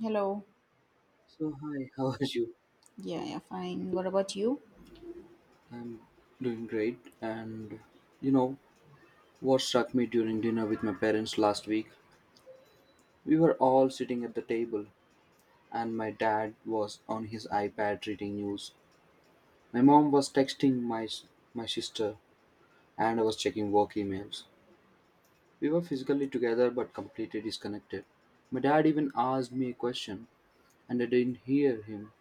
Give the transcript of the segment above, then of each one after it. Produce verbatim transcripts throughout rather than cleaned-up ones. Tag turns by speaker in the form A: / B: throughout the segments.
A: Hello.
B: So, hi, how are you?
A: Yeah, yeah, fine. What about you?
B: I'm doing great. And you know what struck me during dinner with my parents last week? We were all sitting at the table, and my dad was on his iPad reading news. My mom was texting my s- my sister, and I was checking work emails. We were physically together but completely disconnected. My dad even asked me a question, and I didn't hear him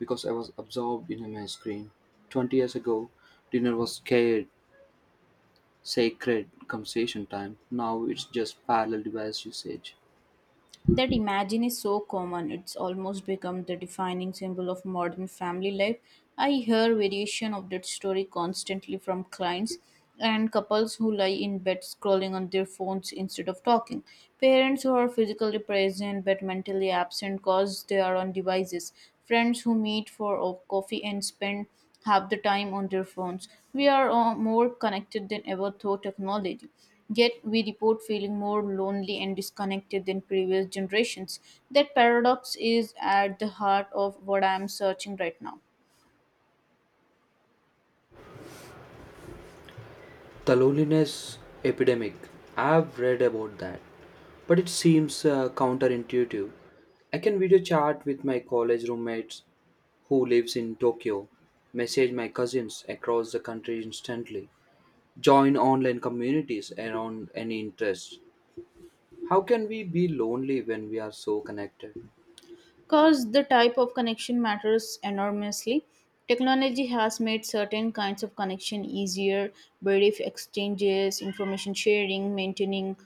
B: because I was absorbed in my screen. twenty years ago, dinner was scared sacred conversation time. Now it's just parallel device usage.
A: That imagine is so common, it's almost become the defining symbol of modern family life. I hear variation of that story constantly from clients and couples who lie in bed scrolling on their phones instead of talking. Parents who are physically present but mentally absent cause they are on devices. Friends who meet for a coffee and spend half the time on their phones. We are all more connected than ever through technology. Yet we report feeling more lonely and disconnected than previous generations. That paradox is at the heart of what I am searching right now.
B: The loneliness epidemic. I've read about that, but it seems uh, counterintuitive. I can video chat with my college roommates who lives in Tokyo, message my cousins across the country instantly, join online communities around any interest. How can we be lonely when we are so connected?
A: Because the type of connection matters enormously. Technology has made certain kinds of connection easier, brief exchanges, information sharing, maintaining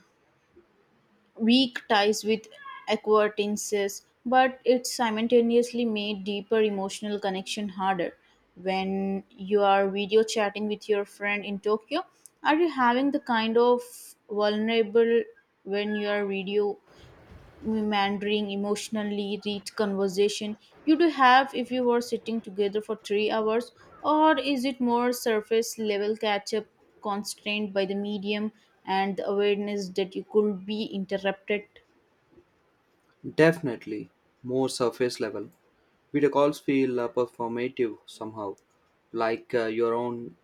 A: weak ties with acquaintances, but it simultaneously made deeper emotional connection harder. When you are video chatting with your friend in Tokyo, are you having the kind of vulnerable when you are video meandering, emotionally rich conversation you do have if you were sitting together for three hours? Or is it more surface level catch up, constrained by the medium and the awareness that you could be interrupted.
B: Definitely more surface level. Video calls feel uh, performative somehow, like uh, your own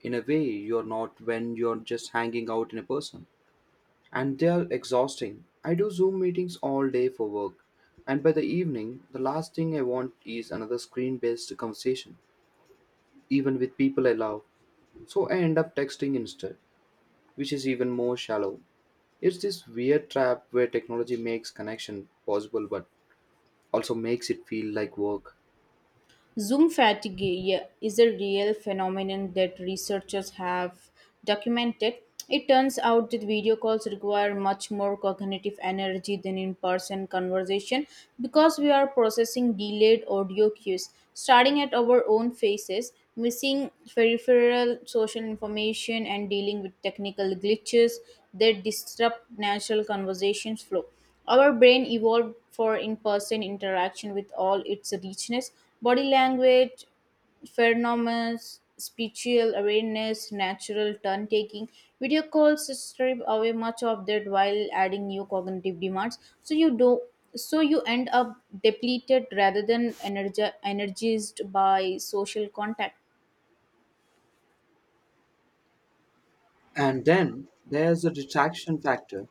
B: in a way you're not when you're just hanging out in a person. And they are exhausting. I do Zoom meetings all day for work, and by the evening, the last thing I want is another screen based conversation, even with people I love. So I end up texting instead, which is even more shallow. It's this weird trap where technology makes connection possible but also makes it feel like work.
A: Zoom fatigue, yeah, is a real phenomenon that researchers have documented. It turns out that video calls require much more cognitive energy than in person conversation because we are processing delayed audio cues, starting at our own faces, missing peripheral social information, and dealing with technical glitches that disrupt natural conversations flow. Our brain evolved for in person interaction with all its richness, body language, phenomena, spiritual awareness, natural turn taking. Video calls strip away much of that while adding new cognitive demands. So you do so you end up depleted rather than energi- energized by social contact.
B: And then there's the distraction factor.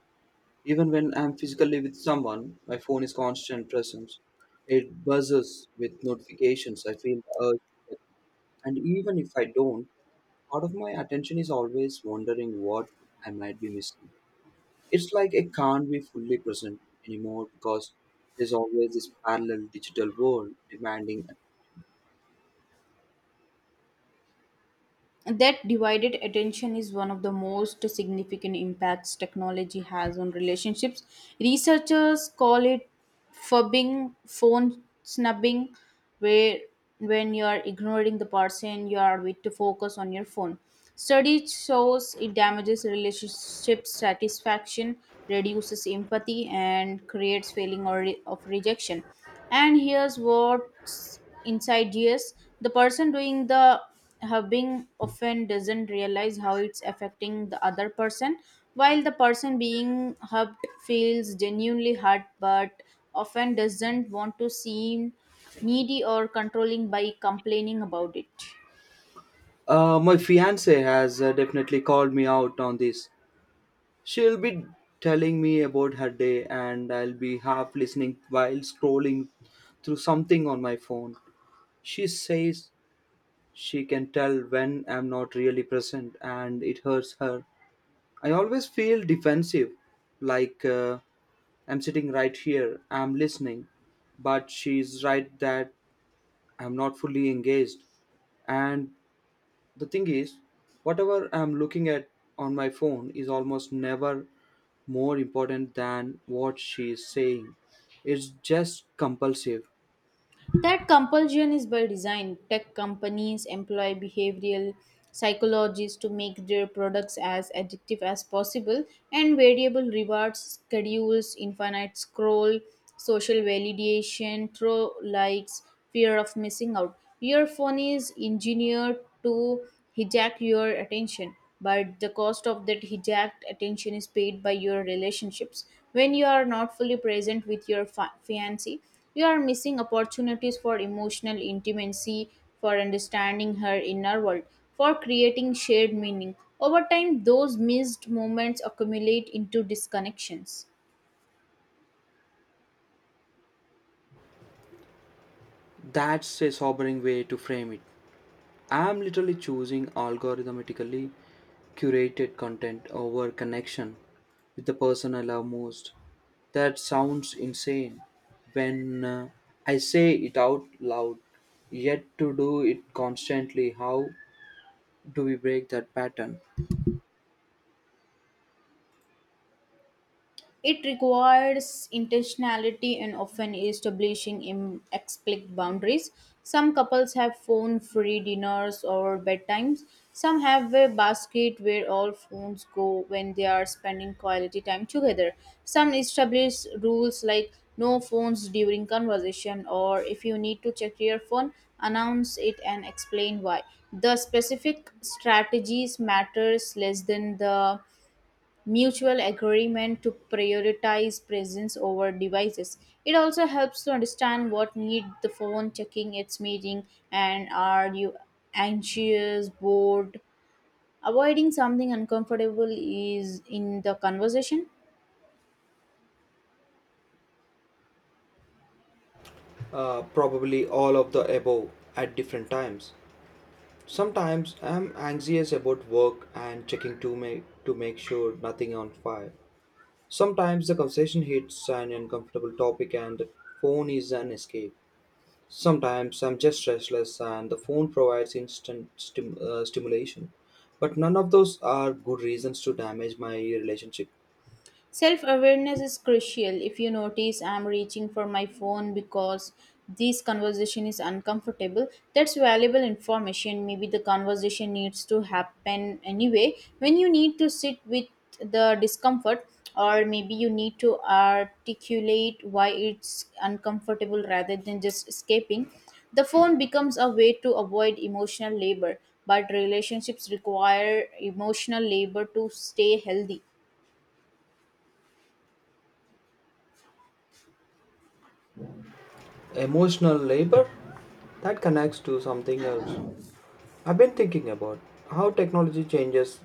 B: Even when I'm physically with someone, my phone is constant presence. It buzzes with notifications. I feel the urge to check. And even if I don't, part of my attention is always wondering what I might be missing. It's like I can't be fully present anymore because there's always this parallel digital world demanding.
A: That divided attention is one of the most significant impacts technology has on relationships. Researchers call it fubbing, phone snubbing, where when you are ignoring the person you are with to focus on your phone. Study shows it damages relationship satisfaction, reduces empathy, and creates feeling or- of rejection. And here's what Inside G S, the person doing the hubbing often doesn't realize how it's affecting the other person, while the person being hubbed feels genuinely hurt but often doesn't want to seem needy or controlling by complaining about it.
B: Uh, my fiance has uh, definitely called me out on this. She'll be telling me about her day, and I'll be half listening while scrolling through something on my phone. She says she can tell when I'm not really present, and it hurts her. I always feel defensive, like uh, I'm sitting right here, I'm listening, but she's right that I'm not fully engaged. And the thing is, whatever I'm looking at on my phone is almost never more important than what she is saying. It's just compulsive.
A: That compulsion is by design. Tech companies employ behavioral psychologists to make their products as addictive as possible, and variable rewards, schedules, infinite scroll, social validation, throw likes, fear of missing out. Your phone is engineered to hijack your attention, but the cost of that hijacked attention is paid by your relationships. When you are not fully present with your fa- fiancé, you are missing opportunities for emotional intimacy, for understanding her inner world, for creating shared meaning. Over time, those missed moments accumulate into disconnections.
B: That's a sobering way to frame it. I'm literally choosing algorithmically curated content over connection with the person I love most. That sounds insane when uh, I say it out loud, yet to do it constantly. How do we break that pattern?
A: It requires intentionality and often establishing im- explicit boundaries. Some couples have phone free dinners or bedtimes. Some have a basket where all phones go when they are spending quality time together. Some establish rules like no phones during conversation, or if you need to check your phone, announce it and explain why. The specific strategies matters less than the mutual agreement to prioritize presence over devices. It also helps to understand what need the phone checking its meeting, and are you anxious, bored. Avoiding something uncomfortable is in the conversation.
B: Uh, probably all of the above at different times. Sometimes I'm anxious about work and checking to make to make sure nothing on fire. Sometimes the conversation hits an uncomfortable topic and the phone is an escape. Sometimes I'm just restless and the phone provides instant stim- uh, stimulation. But none of those are good reasons to damage my relationship.
A: Self awareness is crucial. If you notice I'm reaching for my phone because this conversation is uncomfortable, that's valuable information. Maybe the conversation needs to happen anyway. When you need to sit with the discomfort, or maybe you need to articulate why it's uncomfortable rather than just escaping, the phone becomes a way to avoid emotional labor. But relationships require emotional labor to stay healthy.
B: Emotional labor that connects to something else I've been thinking about how technology changes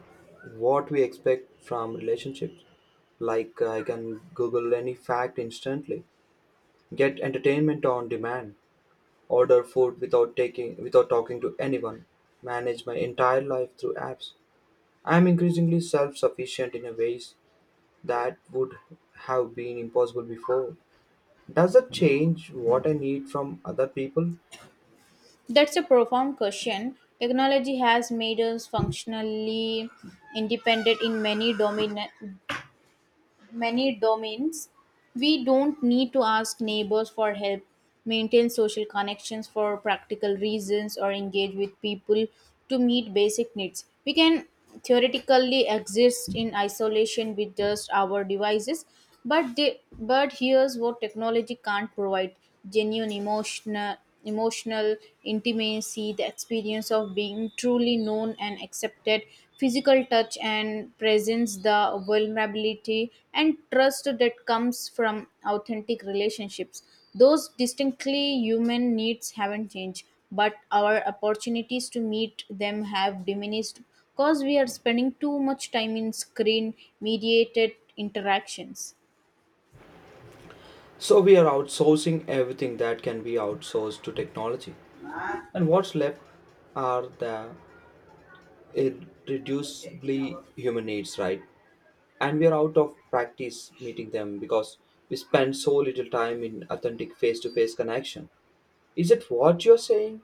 B: what we expect from relationships. Like, uh, I can Google any fact instantly, get entertainment on demand, order food without taking without talking to anyone, manage my entire life through apps. I'm increasingly self-sufficient in a ways that would have been impossible before. Does that change what I need from other people?
A: That's a profound question. Technology has made us functionally independent in many domin- many domains. We don't need to ask neighbors for help, maintain social connections for practical reasons, or engage with people to meet basic needs. We can theoretically exist in isolation with just our devices, but they, but here's what technology can't provide: genuine emotional emotional intimacy, the experience of being truly known and accepted, physical touch and presence, the vulnerability and trust that comes from authentic relationships. Those distinctly human needs haven't changed, but our opportunities to meet them have diminished because we are spending too much time in screen mediated interactions.
B: So we are outsourcing everything that can be outsourced to technology. And what's left are the irreducibly human needs, right? And we are out of practice meeting them because we spend so little time in authentic face to face connection. Is it what you're saying?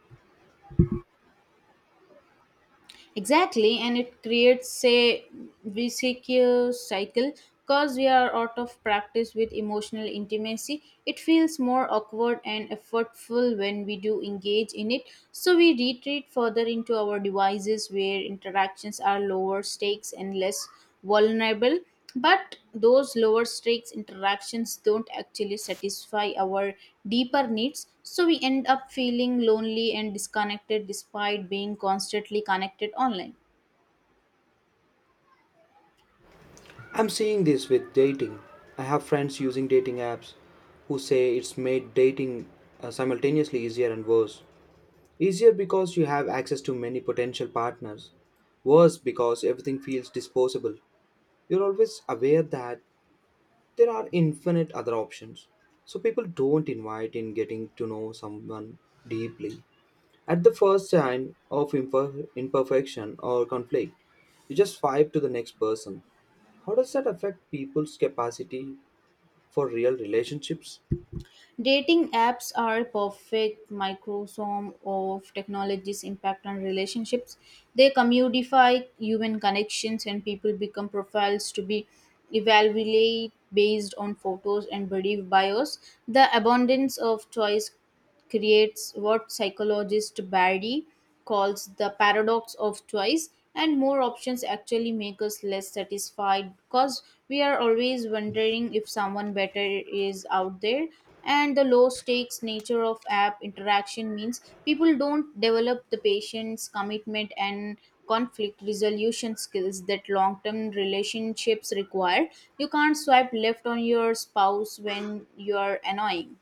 A: Exactly, and it creates a vicious cycle because we are out of practice with emotional intimacy. It feels more awkward and effortful when we do engage in it, so we retreat further into our devices where interactions are lower stakes and less vulnerable. But those lower stakes interactions don't actually satisfy our deeper needs, so we end up feeling lonely and disconnected despite being constantly connected online.
B: I'm seeing this with dating. I have friends using dating apps who say it's made dating uh, simultaneously easier and worse. Easier because you have access to many potential partners, worse because everything feels disposable. You're always aware that there are infinite other options. So people don't invite in getting to know someone deeply. At the first sign of imper- imperfection or conflict, you just swipe to the next person. How does that affect people's capacity for real relationships?
A: Dating apps are a perfect microsome of technology's impact on relationships. They commodify human connections and people become profiles to be evaluated based on photos and body bios. The abundance of choice creates what psychologist Barry calls the paradox of choice, and more options actually make us less satisfied because we are always wondering if someone better is out there. And the low stakes nature of app interaction means people don't develop the patience, commitment, and conflict resolution skills that long term relationships require. You can't swipe left on your spouse when you're annoying.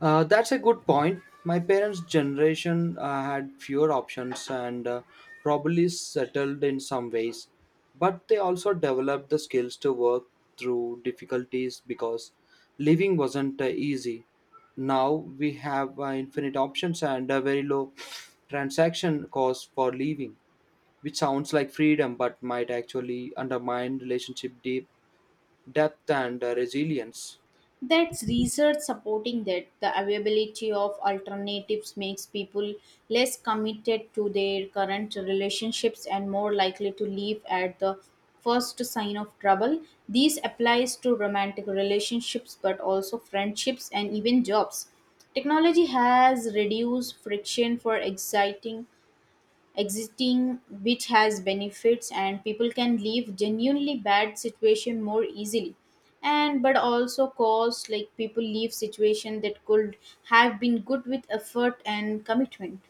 B: Uh, that's a good point. My parents' generation uh, had fewer options and uh, probably settled in some ways, but they also developed the skills to work through difficulties because living wasn't uh, easy. Now we have uh, infinite options and a very low transaction cost for living, which sounds like freedom but might actually undermine relationship deep depth and uh, resilience.
A: That's research supporting that the availability of alternatives makes people less committed to their current relationships and more likely to leave at the first sign of trouble. This applies to romantic relationships but also friendships and even jobs. Technology has reduced friction for exciting existing, which has benefits and people can leave genuinely bad situation more easily, and but also cause like people leave situation that could have been good with effort and commitment.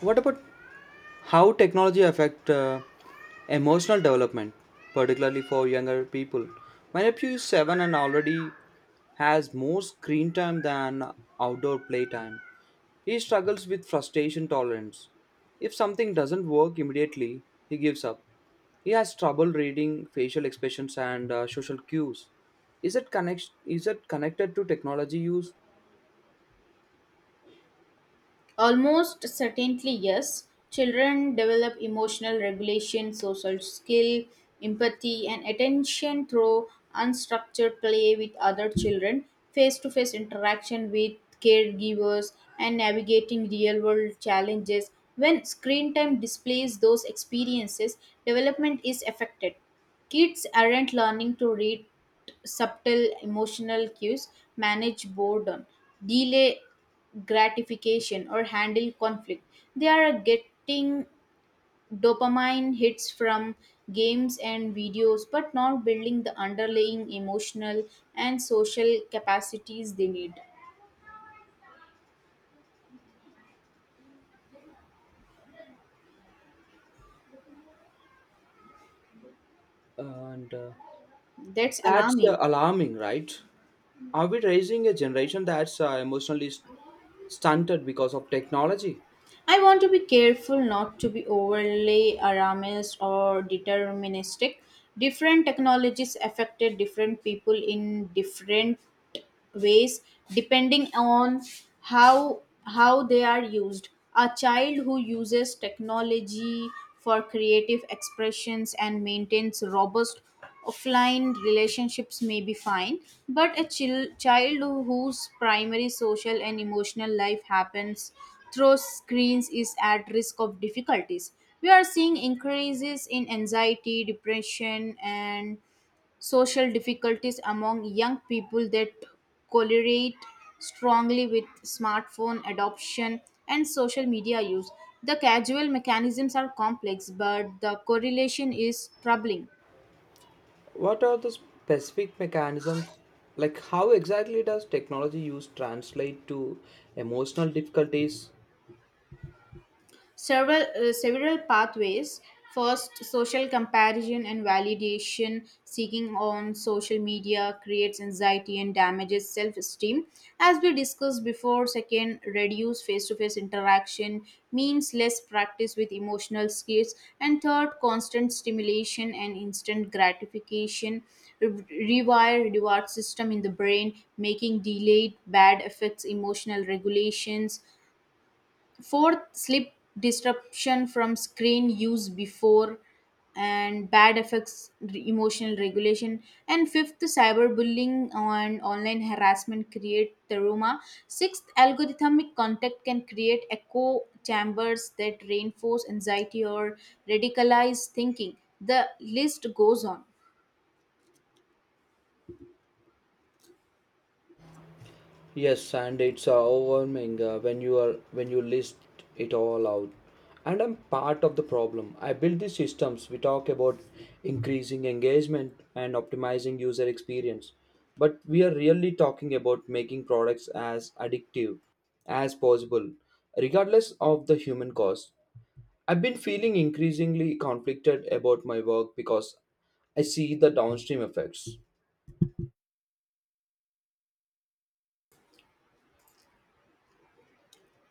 B: What about How technology affect uh, emotional development, particularly for younger people? My nephew is seven and already has more screen time than outdoor playtime. He struggles with frustration tolerance. If something doesn't work immediately, he gives up. He has trouble reading facial expressions and uh, social cues. Is it connect? Is it connected to technology use?
A: Almost certainly, yes. Children develop emotional regulation, social skill, empathy, and attention through unstructured play with other children, face to face interaction with caregivers, and navigating real world challenges. When screen time displays those experiences, development is affected. Kids aren't learning to read subtle emotional cues, manage boredom, delay gratification, or handle conflict. They are getting dopamine hits from games and videos, but not building the underlying emotional and social capacities they need.
B: And uh,
A: That's
B: that's uh,
A: alarming.
B: alarming, right? Are we raising a generation that's uh, emotionally st- stunted because of technology?
A: I want to be careful not to be overly alarmist or deterministic. Different technologies affected different people in different ways depending on how how they are used. A child who uses technology for creative expressions and maintains robust offline relationships may be fine, but a chil- child who- whose primary social and emotional life happens through screens is at risk of difficulties. We are seeing increases in anxiety, depression, and social difficulties among young people that correlate strongly with smartphone adoption and social media use. The causal mechanisms are complex, but the correlation is troubling.
B: What are the specific mechanisms? Like, how exactly does technology use translate to emotional difficulties?
A: Several, uh, several pathways. First, social comparison and validation seeking on social media creates anxiety and damages self esteem. As we discussed before, second, reduce face to face interaction means less practice with emotional skills. And third, constant stimulation and instant gratification re- rewire reward system in the brain making delayed bad effects emotional regulations. Fourth, sleep disruption from screen use before and bad effects, re- emotional regulation. And fifth, cyberbullying and online harassment create trauma. Sixth, algorithmic contact can create echo chambers that reinforce anxiety or radicalize thinking. The list goes on.
B: Yes, and it's uh, overwhelming uh, when you are when you list it all out. And I'm part of the problem. I build these systems. We talk about increasing engagement and optimizing user experience, but we are really talking about making products as addictive as possible, regardless of the human cost. I've been feeling increasingly conflicted about my work because I see the downstream effects.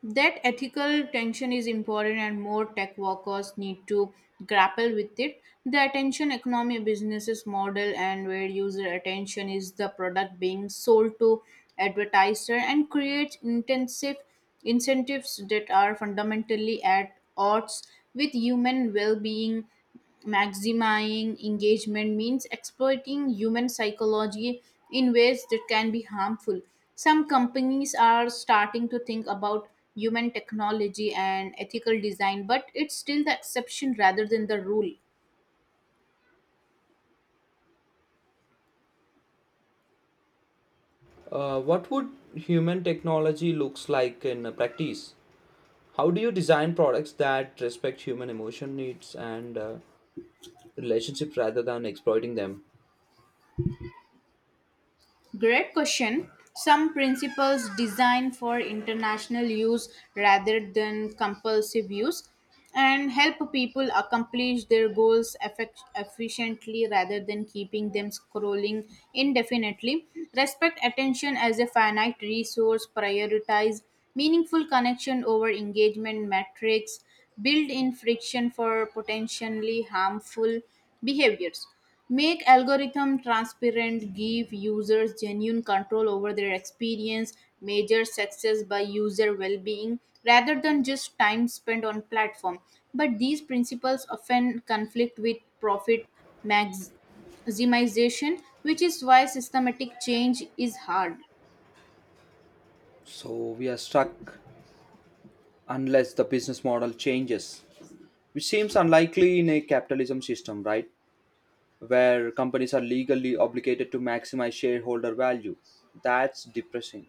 A: That ethical tension is important and more tech workers need to grapple with it. The attention economy businesses model, and where user attention is the product being sold to advertiser, and creates intensive incentives that are fundamentally at odds with human well-being. Maximizing engagement means exploiting human psychology in ways that can be harmful. Some companies are starting to think about human technology and ethical design, but it's still the exception rather than the rule.
B: Uh, what would human technology looks like in uh, practice? How do you design products that respect human emotion needs and uh, relationships rather than exploiting them?
A: Great question. Some principles designed for international use rather than compulsive use, and help people accomplish their goals effect- efficiently rather than keeping them scrolling indefinitely. Respect attention as a finite resource, prioritize meaningful connection over engagement metrics, build in friction for potentially harmful behaviors. Make algorithm transparent, give users genuine control over their experience, measure success by user well-being rather than just time spent on platform. But these principles often conflict with profit max- maximization, which is why systematic change is hard.
B: So we are stuck unless the business model changes, which seems unlikely in a capitalism system, right? Where companies are legally obligated to maximize shareholder value. That's depressing.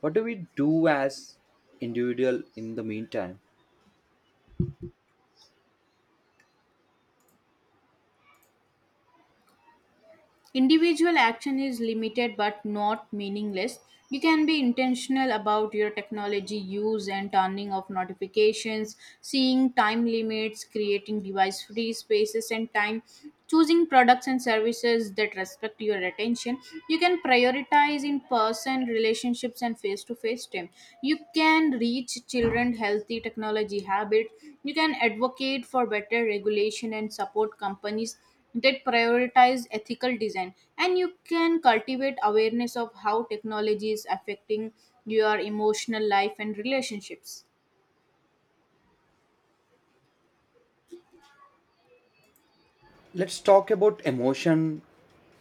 B: What do we do as individual in the meantime?
A: Individual action is limited but not meaningless. You can be intentional about your technology use, and turning off notifications, seeing time limits, creating device free spaces and time, choosing products and services that respect your attention. You can prioritize in person relationships and face to face time. You can reach children healthy technology habits. You can advocate for better regulation and support companies that prioritize ethical design, and you can cultivate awareness of how technology is affecting your emotional life and relationships.
B: Let's talk about emotion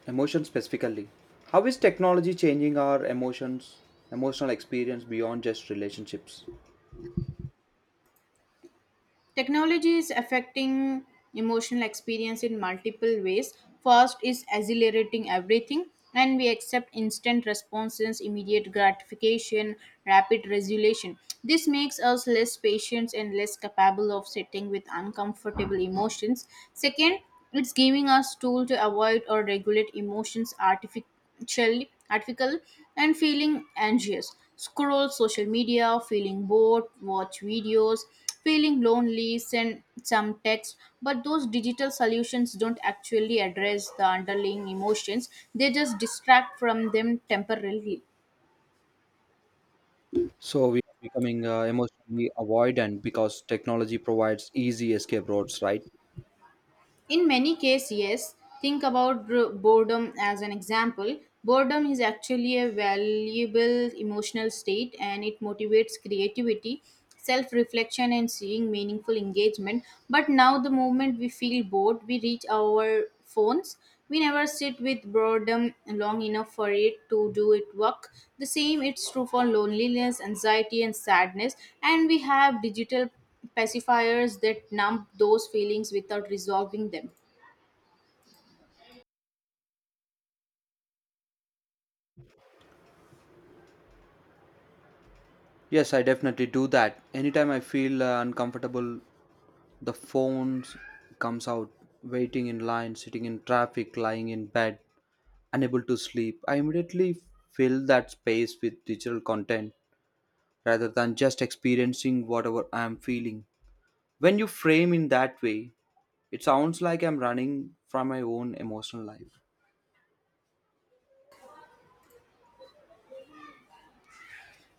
B: Emotions specifically. How is technology changing our emotions, emotional experience beyond just relationships?
A: Technology is affecting emotional experience in multiple ways. First is accelerating everything, and we accept instant responses, immediate gratification, rapid resolution. This makes us less patient and less capable of sitting with uncomfortable emotions. Second, it's giving us tool to avoid or regulate emotions artificially chill, article, and feeling anxious. Scroll social media, feeling bored, watch videos, feeling lonely, send some text. But those digital solutions don't actually address the underlying emotions, they just distract from them temporarily.
B: So we are becoming uh, emotionally avoidant because technology provides easy escape routes, right?
A: In many cases, yes. Think about bro- boredom as an example. Boredom is actually a valuable emotional state, and it motivates creativity, self reflection, and seeing meaningful engagement. But now, the moment we feel bored, we reach our phones. We never sit with boredom long enough for it to do its work. The same it's true for loneliness, anxiety, and sadness. And we have digital pacifiers that numb those feelings without resolving them.
B: Yes, I definitely do that. Anytime I feel uh, uncomfortable, the phone comes out, waiting in line, sitting in traffic, lying in bed, unable to sleep. I immediately fill that space with digital content rather than just experiencing whatever I am feeling. When you frame in that way, it sounds like I'm running from my own emotional life.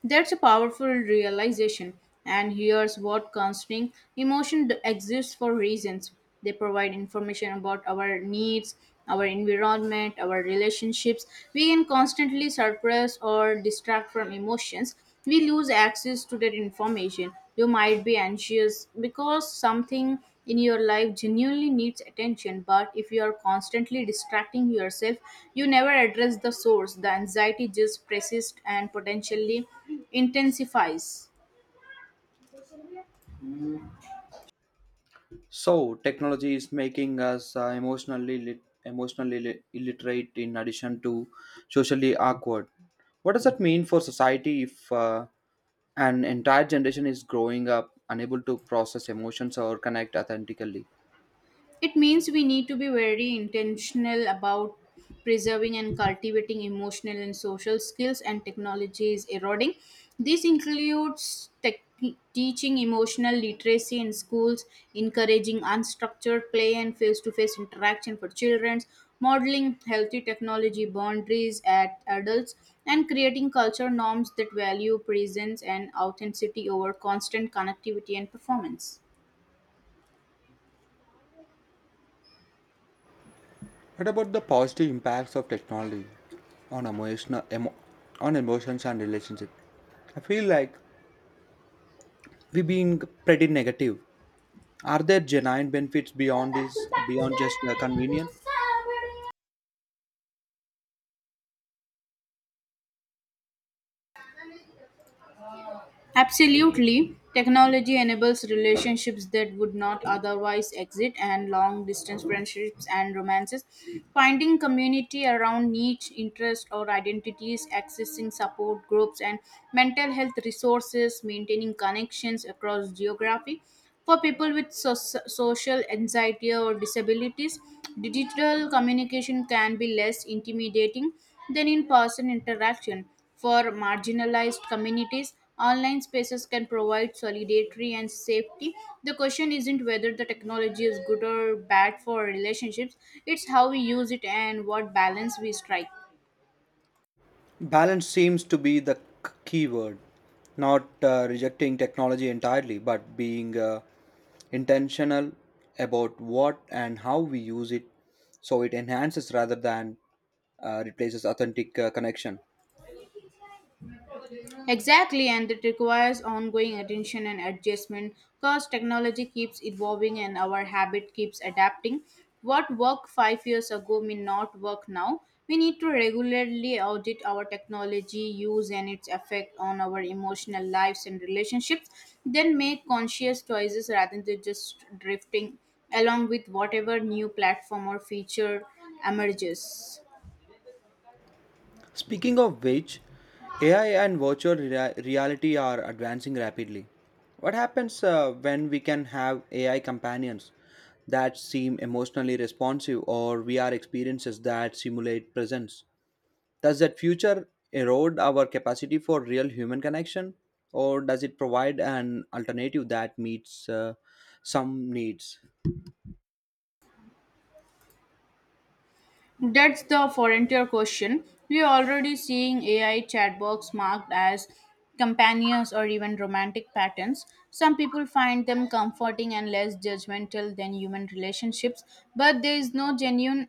A: That's a powerful realization, and here's what concerning emotion d- exists for reasons. They provide information about our needs, our environment, our relationships. We can constantly suppress or distract from emotions, we lose access to that information. You might be anxious because something in your life genuinely needs attention, but if you are constantly distracting yourself, you never address the source. The anxiety just persists and potentially intensifies.
B: So technology is making us uh, emotionally lit- emotionally li- illiterate in addition to socially awkward. What does that mean for society if uh, an entire generation is growing up unable to process emotions or connect authentically?
A: It means we need to be very intentional about preserving and cultivating emotional and social skills, and technology is eroding. This includes tech teaching emotional literacy in schools, encouraging unstructured play and face to face interaction for children, modeling healthy technology boundaries at adults, and creating culture norms that value presence and authenticity over constant connectivity and performance.
B: What about the positive impacts of technology on emotional emo- on emotions and relationships? I feel like we've been pretty negative. Are there genuine benefits beyond this, beyond just uh, convenience?
A: Absolutely. Technology enables relationships that would not otherwise exist, and long distance friendships and romances. Finding community around niche interests or identities, accessing support groups and mental health resources, maintaining connections across geography. For people with so- social anxiety or disabilities, digital communication can be less intimidating than in person interaction. For marginalized communities, online spaces can provide solidarity and safety. The question isn't whether the technology is good or bad for relationships, it's how we use it and what balance we strike.
B: Balance seems to be the k- key word. Not uh, rejecting technology entirely, but being uh, intentional about what and how we use it so it enhances rather than uh, replaces authentic uh, connection.
A: Exactly, and it requires ongoing attention and adjustment because technology keeps evolving and our habit keeps adapting. What worked five years ago may not work now. We need to regularly audit our technology use and its effect on our emotional lives and relationships, then make conscious choices rather than just drifting along with whatever new platform or feature emerges.
B: Speaking of which, A I and virtual rea- reality are advancing rapidly. What happens uh, when we can have A I companions that seem emotionally responsive or V R experiences that simulate presence? Does that future erode our capacity for real human connection or does it provide an alternative that meets uh, some needs?
A: That's the frontier question. We are already seeing A I chatbots marked as companions or even romantic patterns. Some people find them comforting and less judgmental than human relationships, but there is no genuine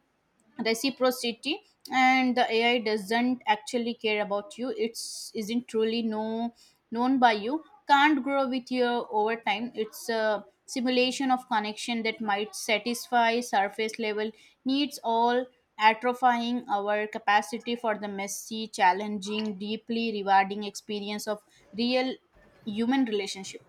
A: reciprocity, and the AI doesn't actually care about you. It's isn't truly know, known by you, can't grow with you over time. It's a simulation of connection that might satisfy surface level needs, all atrophying our capacity for the messy challenging deeply rewarding experience of real human relationship.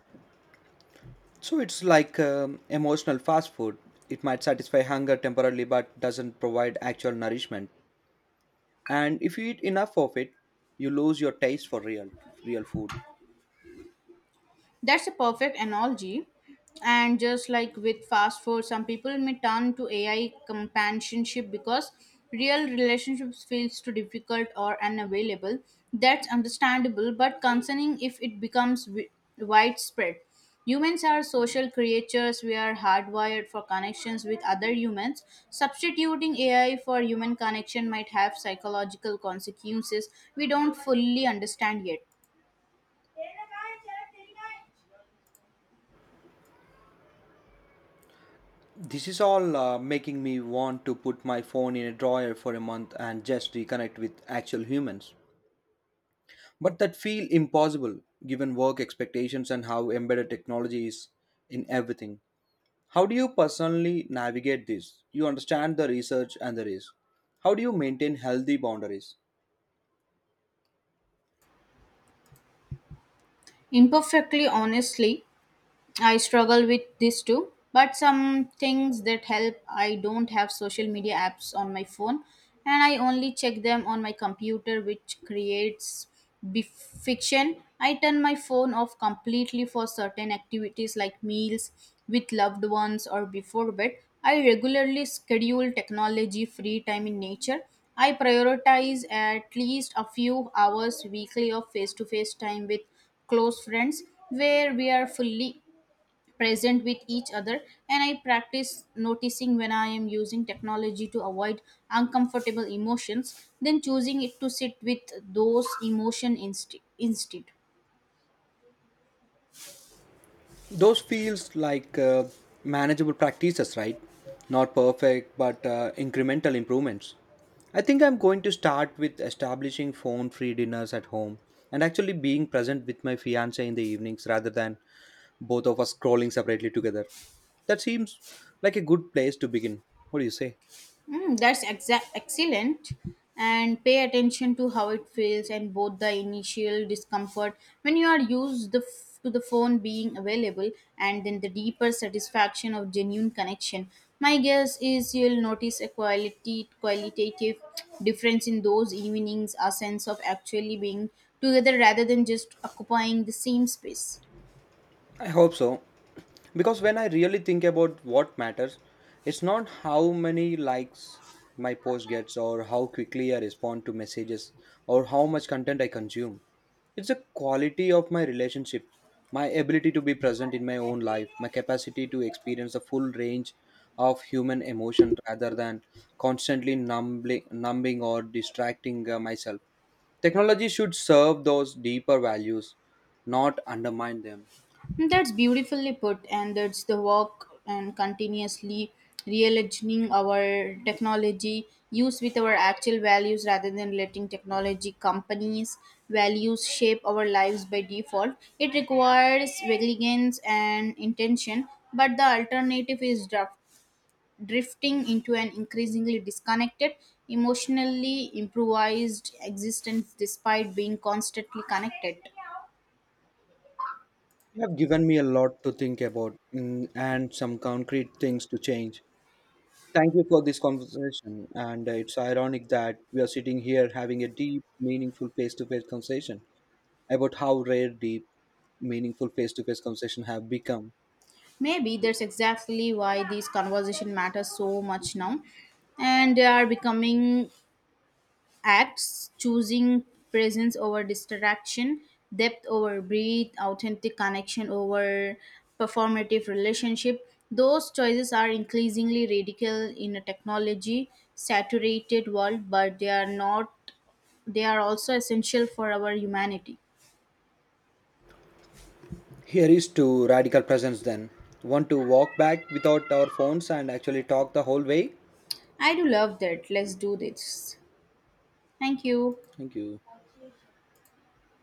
B: So it's like um, emotional fast food. It might satisfy hunger temporarily but doesn't provide actual nourishment. And if you eat enough of it you lose your taste for real real food.
A: That's a perfect analogy. And just like with fast food, some people may turn to A I companionship because real relationships feels too difficult or unavailable. That's understandable, but concerning if it becomes wi- widespread. Humans are social creatures. We are hardwired for connections with other humans. Substituting A I for human connection might have psychological consequences we don't fully understand yet.
B: This is all uh, making me want to put my phone in a drawer for a month and just reconnect with actual humans, but that feel impossible given work expectations and how embedded technology is in everything. How do you personally navigate this? You understand the research and the risk. How do you maintain healthy boundaries?
A: Imperfectly, honestly, I struggle with this too. But some things that help: I don't have social media apps on my phone, and I only check them on my computer, which creates be- fiction. I turn my phone off completely for certain activities like meals with loved ones or before bed. I regularly schedule technology free time in nature. I prioritize at least a few hours weekly of face to face time with close friends where we are fully present with each other, and I practice noticing when I am using technology to avoid uncomfortable emotions, then choosing it to sit with those emotion instead instead
B: Those feels like uh, manageable practices, right? Not perfect, but uh, incremental improvements. I think I'm going to start with establishing phone free dinners at home and actually being present with my fiance in the evenings rather than both of us scrolling separately together. That seems like a good place to begin. What do you say?
A: Mm, that's exact excellent. And pay attention to how it feels, and both the initial discomfort when you are used the f- to the phone being available, and then the deeper satisfaction of genuine connection. My guess is you'll notice a quality qualitative difference in those evenings, a sense of actually being together rather than just occupying the same space.
B: I hope so. Because when I really think about what matters, it's not how many likes my post gets or how quickly I respond to messages or how much content I consume. It's the quality of my relationship, my ability to be present in my own life, my capacity to experience the full range of human emotion rather than constantly numbing, numbing or distracting uh, myself. Technology should serve those deeper values, not undermine them.
A: That's beautifully put, and that's the work and continuously realigning our technology use with our actual values rather than letting technology companies values shape our lives by default. It requires vigilance and intention, but the alternative is drif- drifting into an increasingly disconnected emotionally improvised existence despite being constantly connected.
B: You have given me a lot to think about, mm, and some concrete things to change. Thank you for this conversation. And uh, it's ironic that we are sitting here having a deep, meaningful face to face conversation about how rare deep, meaningful face to face conversation have become.
A: Maybe that's exactly why these conversation matter so much now, and they are becoming acts, choosing presence over distraction, depth over breadth, authentic connection over performative relationship. Those choices are increasingly radical in a technology saturated world, but they are not. They are also essential for our humanity.
B: Here is to radical presence then. Want to walk back without our phones and actually talk the whole way?
A: I do love that. Let's do this. Thank you.
B: Thank you.